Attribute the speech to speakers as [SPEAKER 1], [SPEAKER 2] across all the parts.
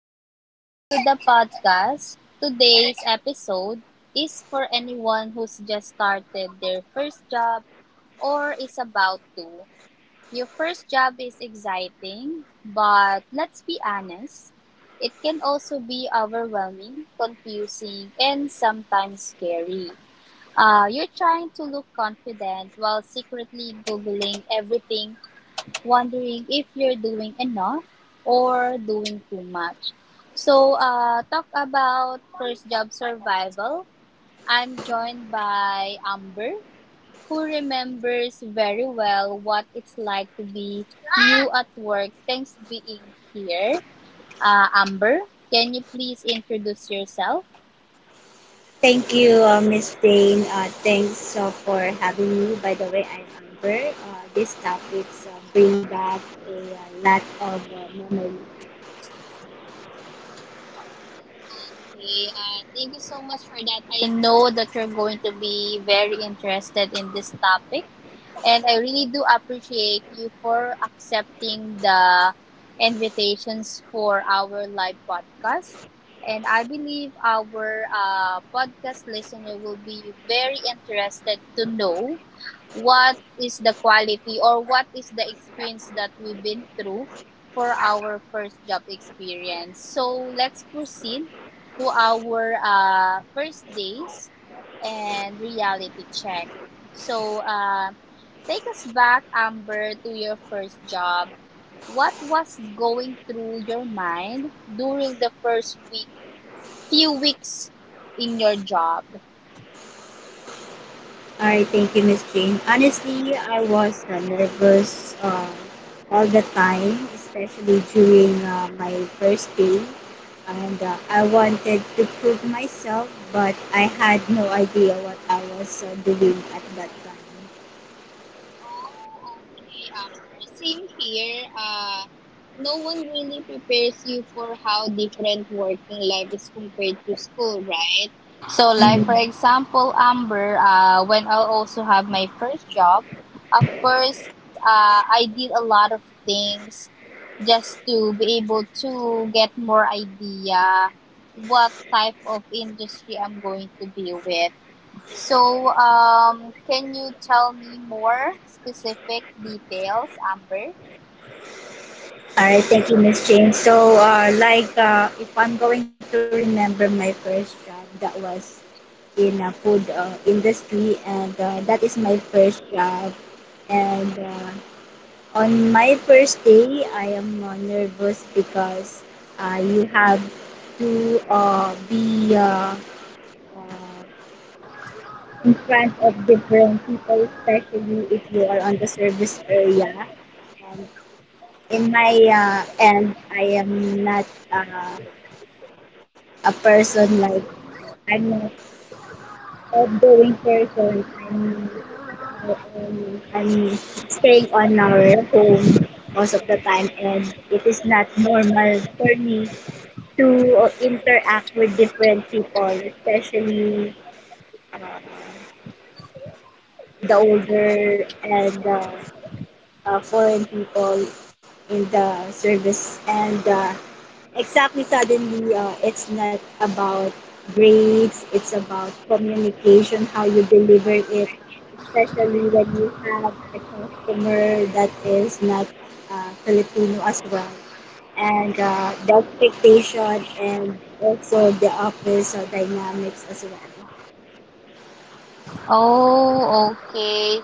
[SPEAKER 1] Welcome back to the podcast. Today's episode is for anyone who's just started their first job or is about to. Your first job is exciting, but let's be honest, it can also be overwhelming, confusing, and sometimes scary. You're trying to look confident while secretly Googling everything, wondering if you're doing enough or doing too much. So, talk about first job survival. I'm joined by Amber, who remembers very well what it's like to be new at work. Thanks being here, Amber. Can you please introduce yourself?
[SPEAKER 2] Thank you, Miss Jane. Thanks for having me. By the way, I'm Amber. These topics bring back a lot of memories.
[SPEAKER 1] Okay, thank you so much for that. I know that you're going to be very interested in this topic. And I really do appreciate you for accepting the invitations for our live podcast. And I believe our podcast listener will be very interested to know what is the quality or what is the experience that we've been through for our first job experience. So let's proceed to our first days and reality check. So, take us back, Amber, to your first job. What was going through your mind during the first week, few weeks in your job?
[SPEAKER 2] All right, thank you, Miss Jane. Honestly, I was nervous all the time, especially during my first day. And I wanted to prove myself, but I had no idea what I was doing at that time.
[SPEAKER 1] Oh, okay, Amber. Same here. No one really prepares you for how different working life is compared to school, right? So, like
[SPEAKER 2] Mhm.
[SPEAKER 1] for example, Amber, when I also have my first job, of course, I did a lot of things just to be able to get more idea what type of industry I'm going to be with. So, can you tell me more specific details, Amber?
[SPEAKER 2] All right, thank you, Miss Jane. So, if I'm going to remember my first job, that was in a food industry, and that is my first job. And on my first day, I am nervous because you have to be uh, in front of different people, especially if you are on the service area. And in my end, I am not. Uh, a person like I'm not outgoing person. I'm staying on our home most of the time, and it is not normal for me to interact with different people, especially uh, the older and foreign people in the service and exactly suddenly it's not about grades, it's about communication, how you deliver it, especially when you have a customer that is not filipino as well, and the expectation and also the office dynamics as well.
[SPEAKER 1] Oh, okay.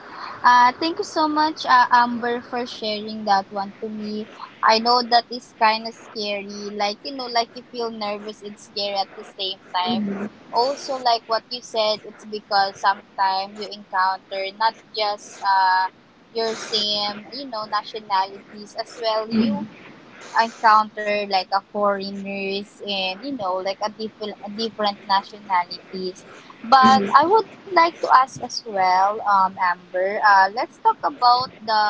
[SPEAKER 1] Thank you so much, Amber, for sharing that one to me. I know that is kind of scary. Like, you know, like you feel nervous and scared at the same time.
[SPEAKER 2] Mhm.
[SPEAKER 1] Also, like what you said, it's because sometimes you encounter not just your same, you know, nationalities, as well
[SPEAKER 2] Mhm.
[SPEAKER 1] you encounter like a foreigners, and you know like a different nationalities. But I would like to ask as well, Amber, let's talk about the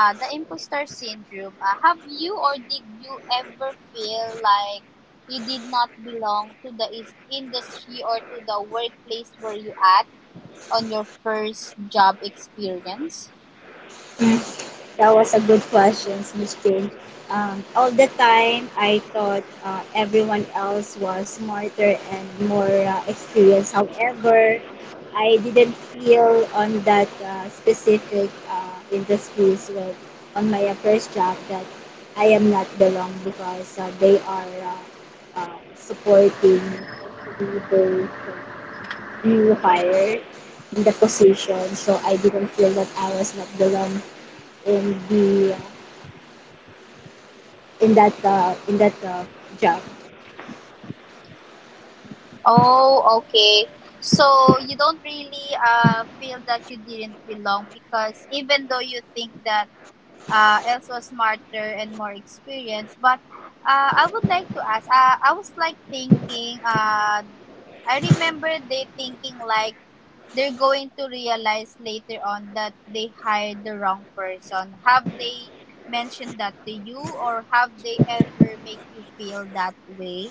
[SPEAKER 1] uh, the imposter syndrome. Have you or did you ever feel like you did not belong to the industry, or to the workplace where you at on your first job experience?
[SPEAKER 2] That was a good question, Miss Jane. All the time, I thought everyone else was smarter and more experienced. However, I didn't feel on that specific industries with, on my first job that I am not belong because they are supporting, especially those new hire in the position. So I didn't feel that I was not belong in the in that job.
[SPEAKER 1] Oh, okay. So you don't really feel that you didn't belong, because even though you think that Els was smarter and more experienced, but I would like to ask. I was like thinking. I remember they thinking like they're going to realize later on that they hired the wrong person. Have they mentioned that to you, or have they ever make you feel that way?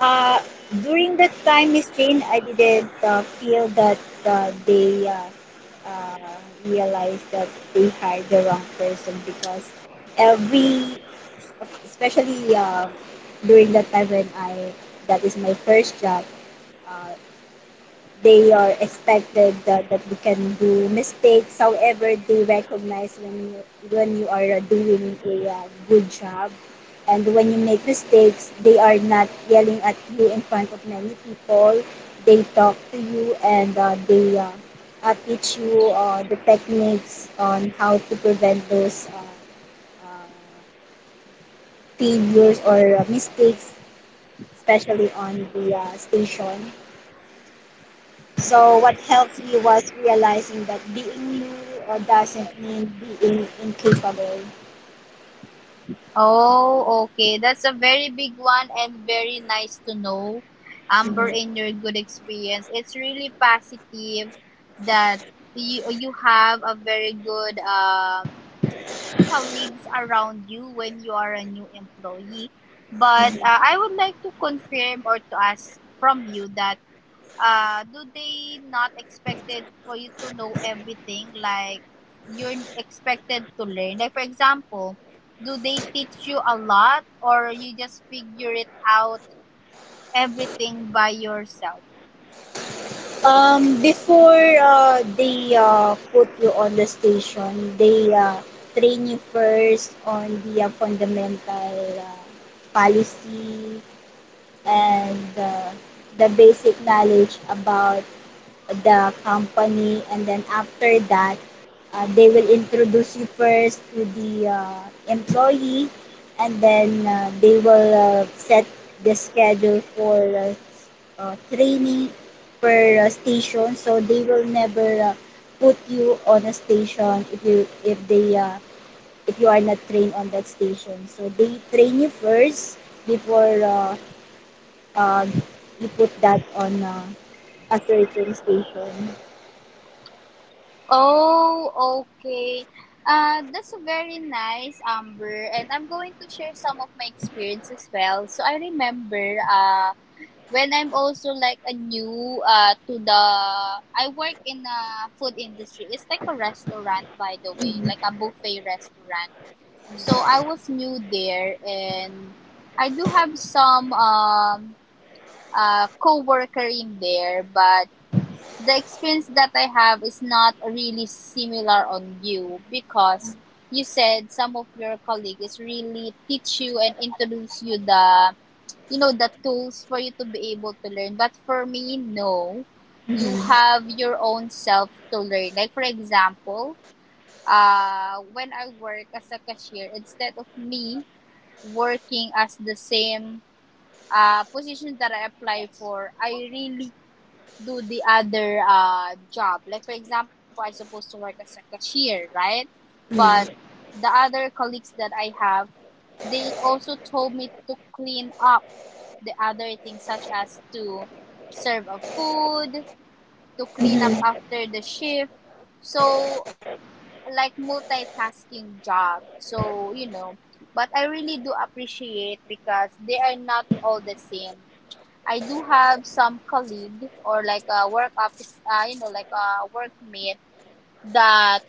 [SPEAKER 2] Uh, During that time, Miss Jane, I didn't feel that they uh, realized that they hired the wrong person because every, especially during that time when I that is my first job. Uh, they are expected that you can do mistakes. However, they recognize when you are doing a good job, and when you make mistakes, they are not yelling at you in front of many people. They talk to you, and they teach you the techniques on how to prevent those uh, failures or mistakes, especially on the station. So what helped me was realizing that being new or doesn't mean being incapable.
[SPEAKER 1] Oh, okay. That's a very big one and very nice to know, Amber,
[SPEAKER 2] Mhm.
[SPEAKER 1] in your good experience. It's really positive that you have a very good colleagues around you when you are a new employee. But I would like to confirm or to ask from you that, do they not expected for you to know everything? Like, you're expected to learn? Like, for example, do they teach you a lot, or you just figure it out everything by yourself?
[SPEAKER 2] Before they put you on the station, they train you first on the fundamental uh, policy and the basic knowledge about the company, and then after that they will introduce you first to the employee, and then they will set the schedule for training per station. So they will never put you on a station if you, if they if you are not trained on that station. So they train you first before uh, you put that on a certain station.
[SPEAKER 1] Oh, okay. That's a very nice, Amber. And I'm going to share some of my experience as well. So I remember, when I'm also like a new to the I work in a food industry. It's like a restaurant, by the way,
[SPEAKER 2] Mhm.
[SPEAKER 1] like a buffet restaurant. So I was new there, and I do have some coworker in there, but the experience that I have is not really similar on you, because you said some of your colleagues really teach you and introduce you the, you know, the tools for you to be able to learn, but for me, no. You
[SPEAKER 2] Um,
[SPEAKER 1] have your own self to learn. Like for example, when I work as a cashier, instead of me working as the same position that I apply for, I really do the other job. Like for example, I supposed to work as a cashier, right? But the other colleagues that I have, they also told me to clean up the other things, such as to serve a food, to clean up after the shift. So, like multitasking job. So, you know, but I really do appreciate, because they are not all the same. I do have some colleague or like a work office, like a workmate that,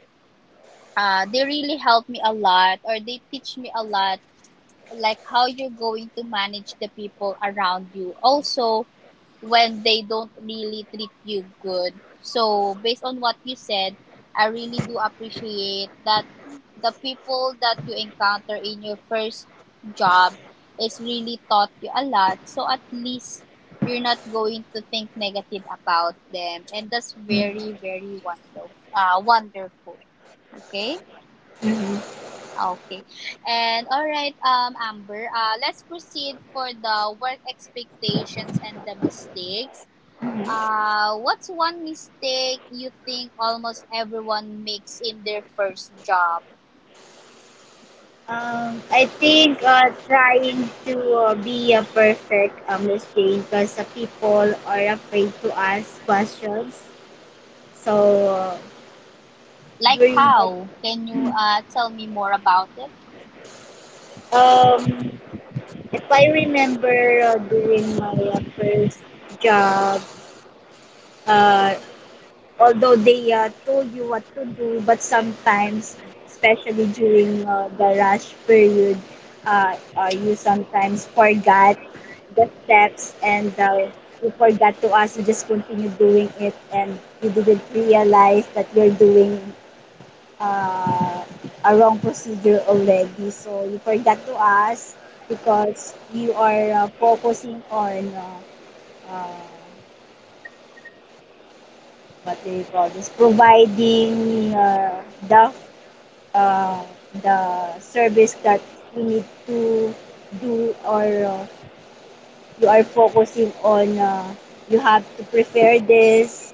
[SPEAKER 1] they really help me a lot, or they teach me a lot, like how you're going to manage the people around you also when they don't really treat you good. So based on what you said, I really do appreciate that the people that you encounter in your first job is really taught you a lot, so at least you're not going to think negative about them, and that's very, very wonderful. Okay. Okay. And all right, Amber, let's proceed for the work expectations and the mistakes. What's one mistake you think almost everyone makes in their first job?
[SPEAKER 2] I think trying to be a perfect Miss Jane, because people are afraid to ask questions. So
[SPEAKER 1] Like
[SPEAKER 2] during that,
[SPEAKER 1] how? Can you tell me more about it?
[SPEAKER 2] um, if I remember during my first job, uh, although they told you what to do, but sometimes, especially during the rush period, you sometimes forgot the steps, and you forgot to ask, you just continue doing it and you didn't realize that you're doing uh, a wrong procedure already. So you forgot to ask because you are focusing on uh, what do you call this, providing the uh, the service that we need to do, or you are focusing on you have to prepare this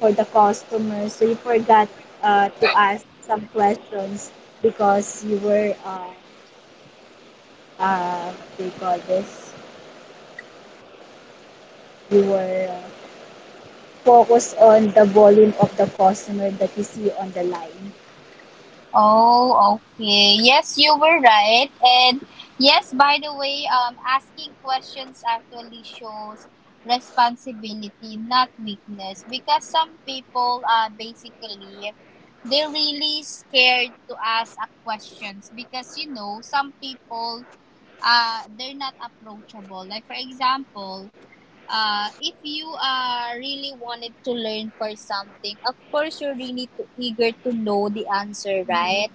[SPEAKER 2] for the customers. So you forgot to ask some questions because you were what do you call this, you were focused on the volume of the customer that you see on the line.
[SPEAKER 1] Oh, okay. Yes, you were right. And yes, by the way, asking questions actually shows responsibility, not weakness. Because some people, basically, they're really scared to ask a questions, because you know some people, they're not approachable. Like for example, if you really wanted to learn for something, of course you're really too eager to know the answer, right?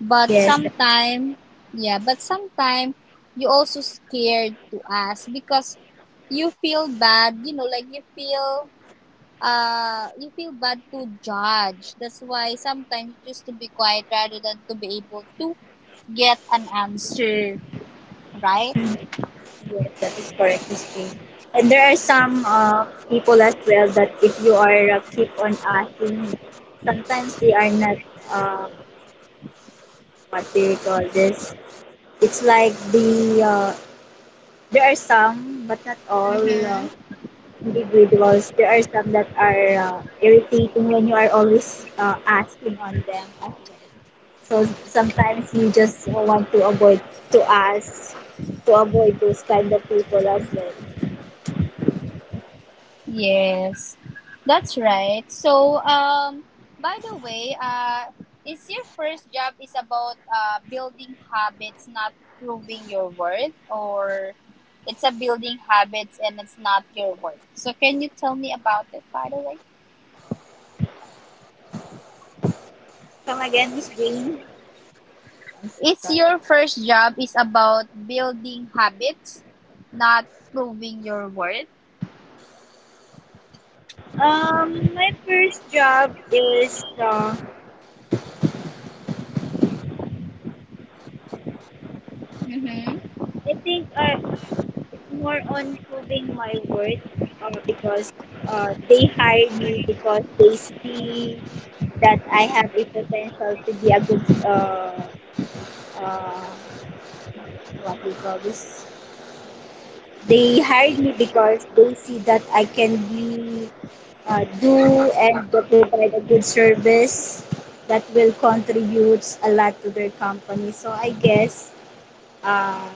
[SPEAKER 1] But
[SPEAKER 2] Yes.
[SPEAKER 1] sometime, yeah, but sometime you also scared to ask because you feel bad, you know, like you feel bad to judge. That's why sometimes you just to be quiet rather than to be able to get an answer, right?
[SPEAKER 2] Yes, that is correct, Miss Jean. And there are some people as well that if you are keep on asking, sometimes they are not uh, what they call this. It's like the there are some, but not all
[SPEAKER 1] Mm-hmm.
[SPEAKER 2] individuals. There are some that are irritating when you are always asking on them as well. So sometimes you just want to avoid to ask, to avoid those kind of people as well.
[SPEAKER 1] Yes, that's right. So, by the way, is your first job is about building habits, not proving your worth, or it's a building habits and it's not your worth? So, can you tell me about it, by the way?
[SPEAKER 2] Welcome again, Miss Jane. I'm sorry.
[SPEAKER 1] Is your first job is about building habits, not proving your worth?
[SPEAKER 2] My first job is
[SPEAKER 1] Mm-hmm.
[SPEAKER 2] I think it's more on proving my worth because they hired me because they see that I have a potential to be a good uh, what we call this. They hired me because they see that I can be do and they provide a good service that will contributes a lot to their company. So I guess uh,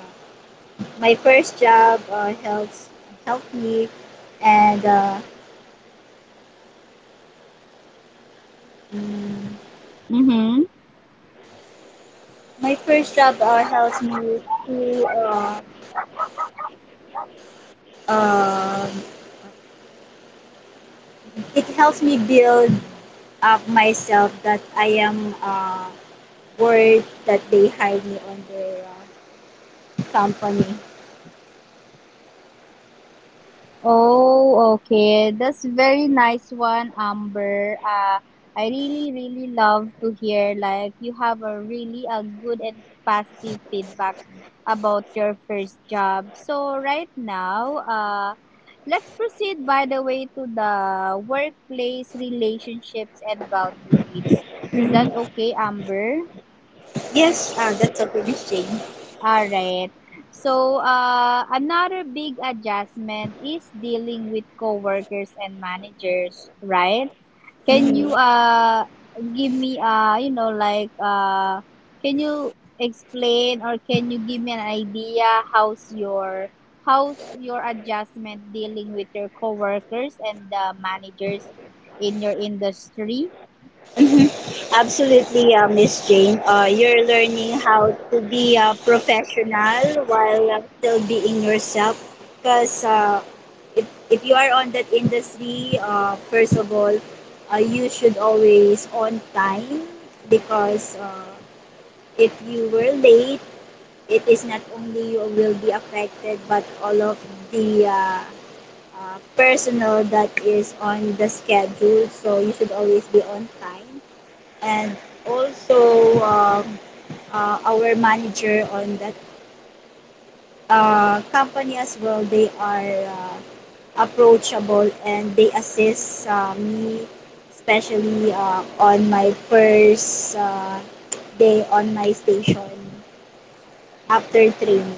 [SPEAKER 2] my first job helps help me and mm,
[SPEAKER 1] Mm-hmm.
[SPEAKER 2] my first job helps me to um it helps me build up myself that I am worth that they hire me on their company.
[SPEAKER 1] Oh, okay. That's very nice one, Amber. I really, really love to hear like you have a really a good and positive feedback about your first job. So right now, let's proceed, by the way, to the workplace relationships and boundaries. Is that
[SPEAKER 2] Mhm.
[SPEAKER 1] okay, Amber?
[SPEAKER 2] Yes, that's a good exchange.
[SPEAKER 1] All right. So, another big adjustment is dealing with coworkers and managers, right? Can you
[SPEAKER 2] Mhm.
[SPEAKER 1] give me, like can you explain, or can you give me an idea how's your adjustment dealing with your coworkers and the managers in your industry?
[SPEAKER 2] Mhm. Absolutely, Miss Jane. You're learning how to be a professional while still being yourself. Because if you are on that industry, first of all, you should always on time because if you were late, it is not only you will be affected but all of the personnel that is on the schedule. So you should always be on time, and also our manager on that company as well. They are approachable and they assist me, especially on my first day on my station after training.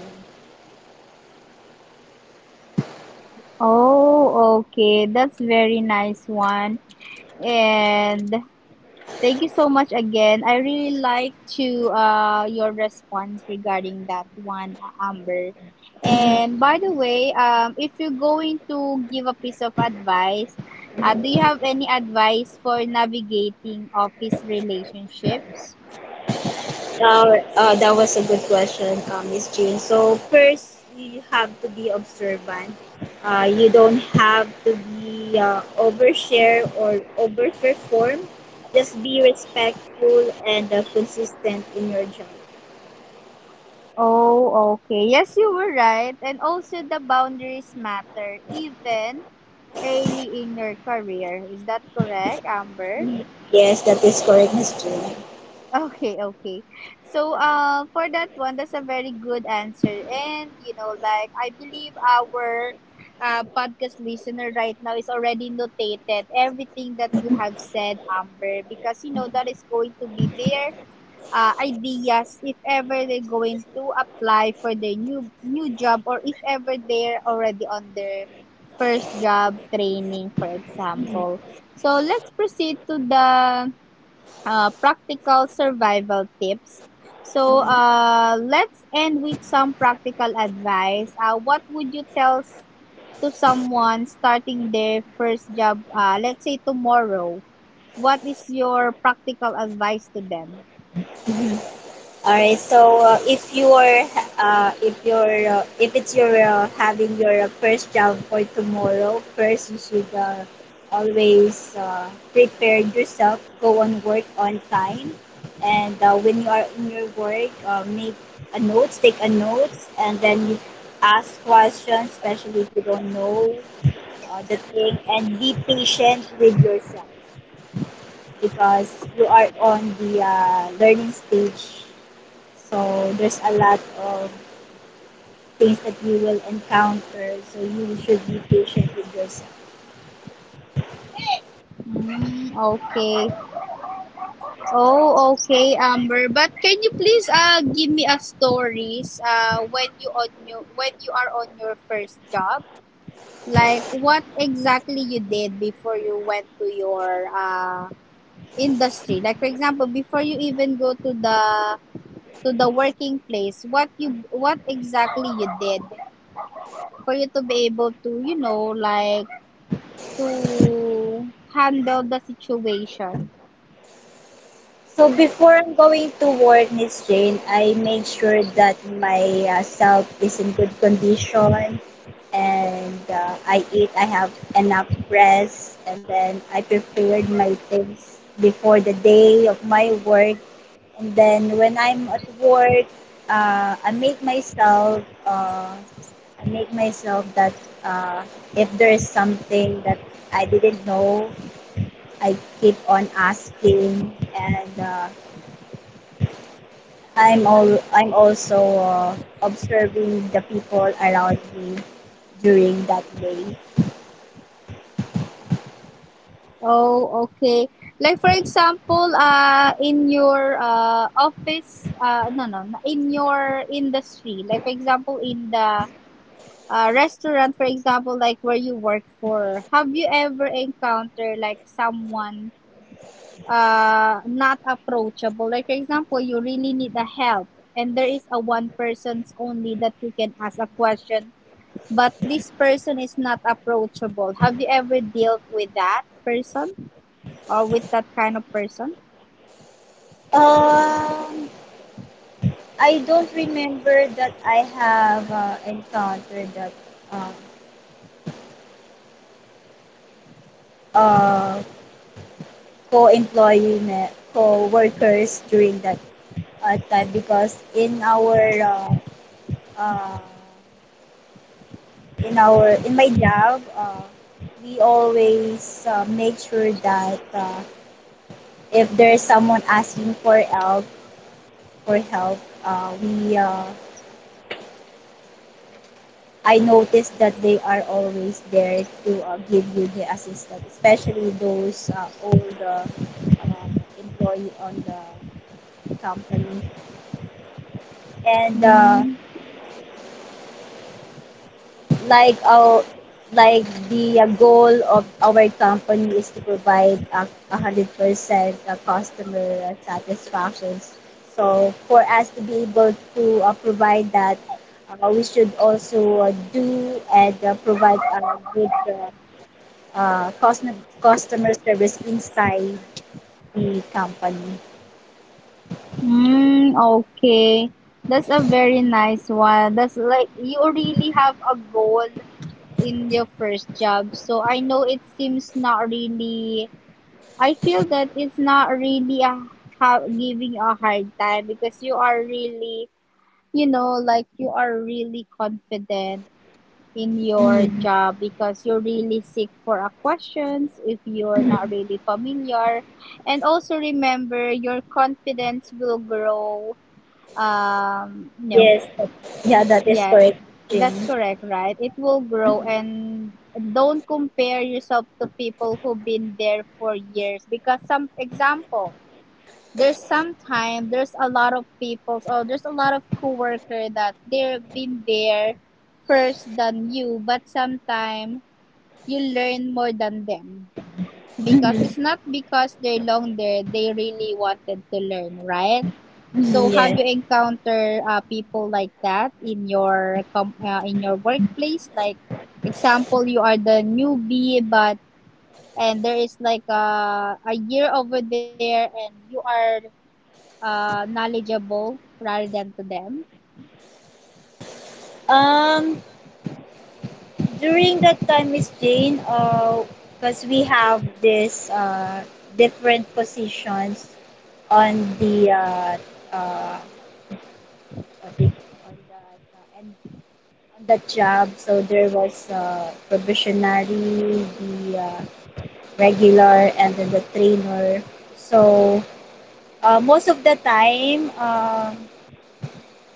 [SPEAKER 1] Oh, okay. That's very nice one. And thank you so much again. I really like to, your response regarding that one, Amber. And by the way, if you're going to give a piece of advice, do you have any advice for navigating office relationships?
[SPEAKER 2] That was a good question, Miss Jean. So first, you have to be observant. You don't have to be overshare or overperform. Just be respectful and consistent in your job.
[SPEAKER 1] Oh, okay. Yes, you were right. And also, the boundaries matter, even early in your career. Is that correct, Amber?
[SPEAKER 2] Yes, that is correct, Miss Jean.
[SPEAKER 1] Okay, okay. So, for that one, that's a very good answer. And, you know, like, I believe our podcast listener right now is already notated everything that you have said, Amber, because, you know, that is going to be their ideas if ever they're going to apply for their new job, or if ever they're already on their first job training, for example. So, let's proceed to the practical survival tips. So, let's end with some practical advice. What would you tell to someone starting their first job, let's say tomorrow? What is your practical advice to them?
[SPEAKER 2] Mhm. All right. So if it's your having your first job for tomorrow, first you should always prepare yourself. Go on work on time, and when you are in your work, make a notes, take a notes, and then you ask questions, especially if you don't know the thing, and be patient with yourself because you are on the learning stage. So there's a lot of things that you will encounter. So you should be patient with yourself.
[SPEAKER 1] Mm, okay. Oh, okay, Amber. But can you please give me a stories when you on your when you are on your first job? Like what exactly you did before you went to your industry? Like for example, before you even go to the working place, what exactly you did for you to be able to, you know, like to handle the situation.
[SPEAKER 2] So before I'm going to work, Miss Jane, I make sure that my self is in good condition, and I eat. I have enough rest, and then I prepared my things before the day of my work. And then when I'm at work, I make myself that uh, if there is something that I didn't know, I keep on asking, and I'm also observing the people around me during that day.
[SPEAKER 1] Oh, okay. Like for example, in your office, no, no, in your industry. Like for example, in the restaurant, for example, like where you work for, have you ever encountered like someone not approachable? Like for example, you really need a help, and there is a one person's only that you can ask a question, but this person is not approachable. Have you ever dealt with that person, or with that kind of person?
[SPEAKER 2] Um, I don't remember that I have encountered that uh, uh, co-workers during that time because in our uh, in my job we always make sure that if there's someone asking for help we I noticed that they are always there to give you the assistance, especially those old uh, employee on the company, and
[SPEAKER 1] Mm,
[SPEAKER 2] like our like the goal of our company is to provide 100% customer satisfaction. So for us to be able to provide that, we should also do and provide a good customer customer service inside the company.
[SPEAKER 1] mm, okay. That's a very nice one. That's like you really have a goal in your first job. So I know it seems not really, I feel that it's not really a, giving a hard time because you are really, you know, like you are really confident in your
[SPEAKER 2] Mhm.
[SPEAKER 1] job because you really seek for a questions if you're not
[SPEAKER 2] Mhm.
[SPEAKER 1] really familiar and also remember your confidence will grow no
[SPEAKER 2] Yes, yeah, that is
[SPEAKER 1] yeah,
[SPEAKER 2] correct.
[SPEAKER 1] that's
[SPEAKER 2] Jane.
[SPEAKER 1] correct, right? It will grow and don't compare yourself to people who've been there for years because some example, there's some time there's a lot of people or there's a lot of coworker that they've been there first than you, but sometime you learn more than them because
[SPEAKER 2] Mhm.
[SPEAKER 1] it's not because they long there they really wanted to learn, right? So
[SPEAKER 2] Mhm,
[SPEAKER 1] have
[SPEAKER 2] yes.
[SPEAKER 1] you encountered people like that in your in your workplace, like example you are the newbie but and there is like a year over there and you are knowledgeable rather than to them?
[SPEAKER 2] Um, During that time, Miss Jane, because we have this different positions on the uh, what do you- on that and on that job, so there was probationary, the regular, and then the trainer. So most of the time.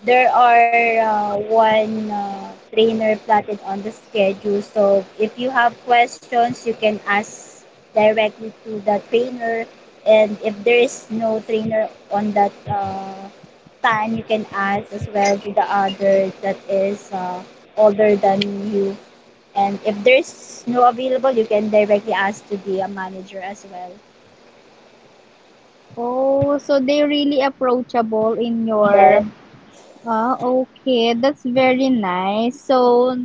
[SPEAKER 2] There are one trainer plotted on the schedule. So if you have questions, you can ask directly to the trainer. And if there is no trainer on that time, you can ask as well to the other that is older than you. And if there's no available, you can directly ask to the manager as well.
[SPEAKER 1] Oh, so they really approachable in your
[SPEAKER 2] Then.
[SPEAKER 1] ah. Okay, that's very nice. So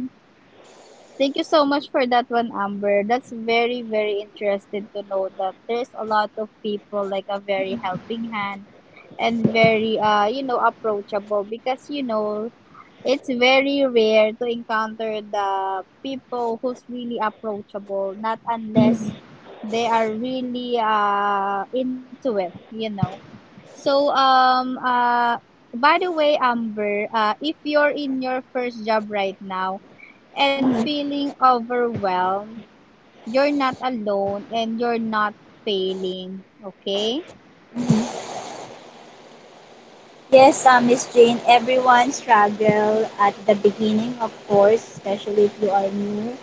[SPEAKER 1] thank you so much for that one, Amber. That's very, very interesting to know that there's a lot of people like a very helping hand and very you know approachable because you know it's very rare to encounter the people who's really approachable, not unless they are really into it, you know. So by the way, Amber, if you're in your first job right now, and feeling overwhelmed, you're not alone and you're not failing. Okay?
[SPEAKER 2] Mhm. Yes, Miss Jane, everyone struggle at the beginning, of course, especially if you are new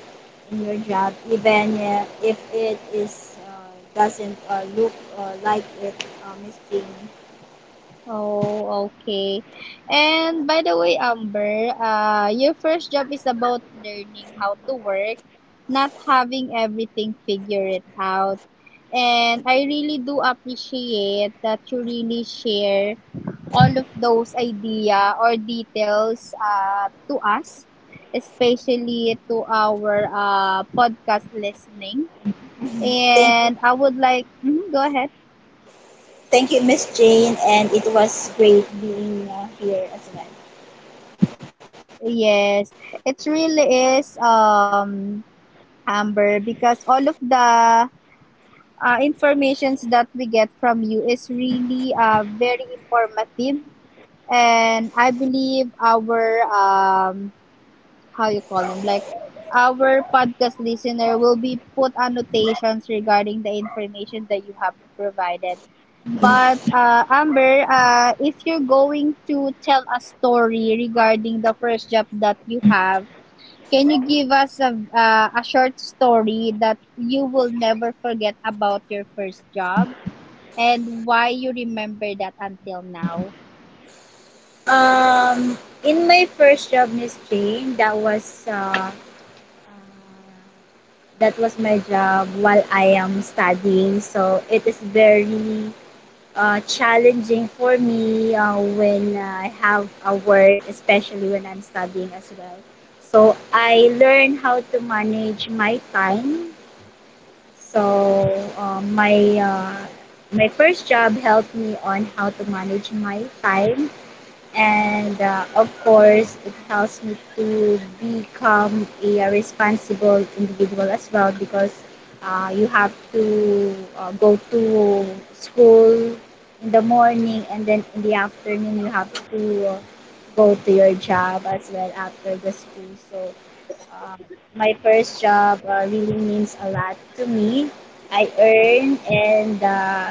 [SPEAKER 2] in your job, even if it is doesn't look like it, Miss Jane.
[SPEAKER 1] Oh, okay. And by the way, Amber, your first job is about learning how to work, not having everything figure it out. And I really do appreciate that you really share all of those idea or details to us, especially to our podcast listening.
[SPEAKER 2] Mhm. Thank you,
[SPEAKER 1] And I would like, mhm, go ahead.
[SPEAKER 2] thank you, Miss Jane, and it was great being here as well.
[SPEAKER 1] Yes, it really is Amber, because all of the informations that we get from you is really very informative and I believe our how you call him, like our podcast listener will be put annotations regarding the information that you have provided.
[SPEAKER 2] Mhm.
[SPEAKER 1] But Amber, if you're going to tell a story regarding the first job that you have, can you give us a short story that you will never forget about your first job and why you remember that until now?
[SPEAKER 2] Um, in my first job, Miss Jane, uh, that was my job while I am studying. So it is very challenging for me when I have a work, especially when I'm studying as well. So I learn how to manage my time. So uh, my uh, my first job helped me on how to manage my time, and of course it helps me to become a responsible individual as well, because you have to go to school in the morning and then in the afternoon you have to go to your job as well after the school. So uh, my first job really means a lot to me. I earn and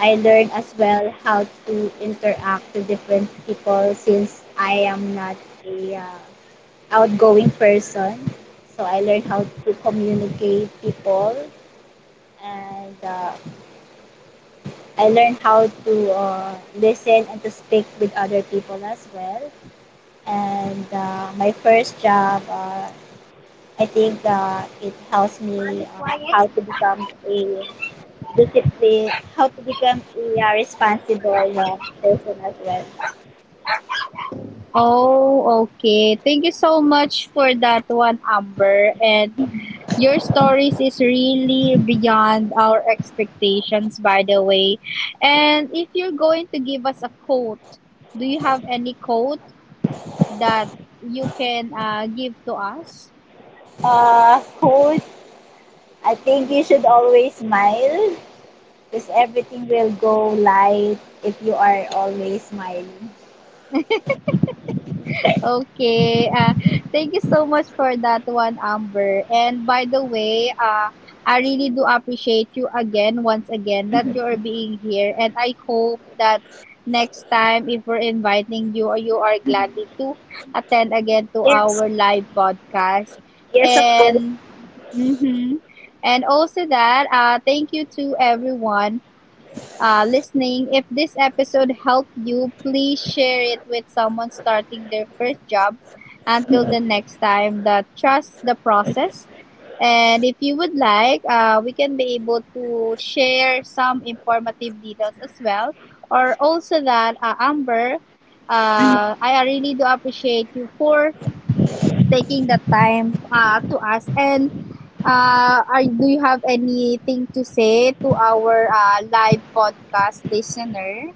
[SPEAKER 2] I learned as well how to interact to different people, since I am not a outgoing person. So I learned how to communicate people, and I learned how to listen and to speak with other people as well. And my first job, I think it helps me
[SPEAKER 1] Mommy,
[SPEAKER 2] how
[SPEAKER 1] quiet.
[SPEAKER 2] to become a discipline, how to become a responsible person as well.
[SPEAKER 1] Oh, okay. Thank you so much for that one, Amber. And your stories is really beyond our expectations, by the way. And if you're going to give us a quote, do you have any quote that you can give to us?
[SPEAKER 2] Hope I think you should always smile because everything will go light if you are always smiling.
[SPEAKER 1] Okay. Thank you so much for that one, Amber. And by the way, I really do appreciate you again, once again, that you are being here. And I hope that next time, if we're inviting you, you are gladly to attend again to
[SPEAKER 2] Yes,
[SPEAKER 1] our live podcast.
[SPEAKER 2] yes, of course.
[SPEAKER 1] And, mm-hmm. And also that, thank you to everyone listening. If this episode helped you, please share it with someone starting their first job. Until the next time, the trust the process. And if you would like, we can be able to share some informative details as well. Or also that, Amber, I really do appreciate you for taking the time to us. And do you have anything to say to our live podcast listener?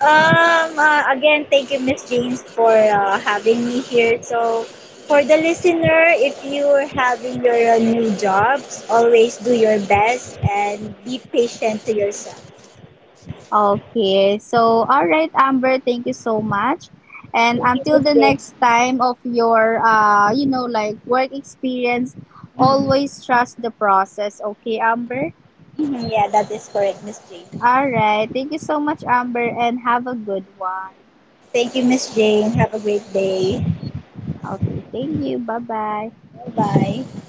[SPEAKER 2] Again, thank you, Miss James, for having me here. So, for the listener, if you're having your new jobs, always do your best and be patient to yourself.
[SPEAKER 1] Okay, so all right, Amber, thank you so much. And
[SPEAKER 2] Thank you,
[SPEAKER 1] until
[SPEAKER 2] Miss
[SPEAKER 1] the
[SPEAKER 2] Jane.
[SPEAKER 1] next time of your, you know, like work experience,
[SPEAKER 2] Mhm.
[SPEAKER 1] always trust the process. Okay, Amber?
[SPEAKER 2] Mhm, yeah, that is correct, Miss Jane.
[SPEAKER 1] All right. Thank you so much, Amber, and have a good one.
[SPEAKER 2] Thank you, Miss Jane. Have a great day.
[SPEAKER 1] Okay, thank you. Bye bye.
[SPEAKER 2] Bye bye.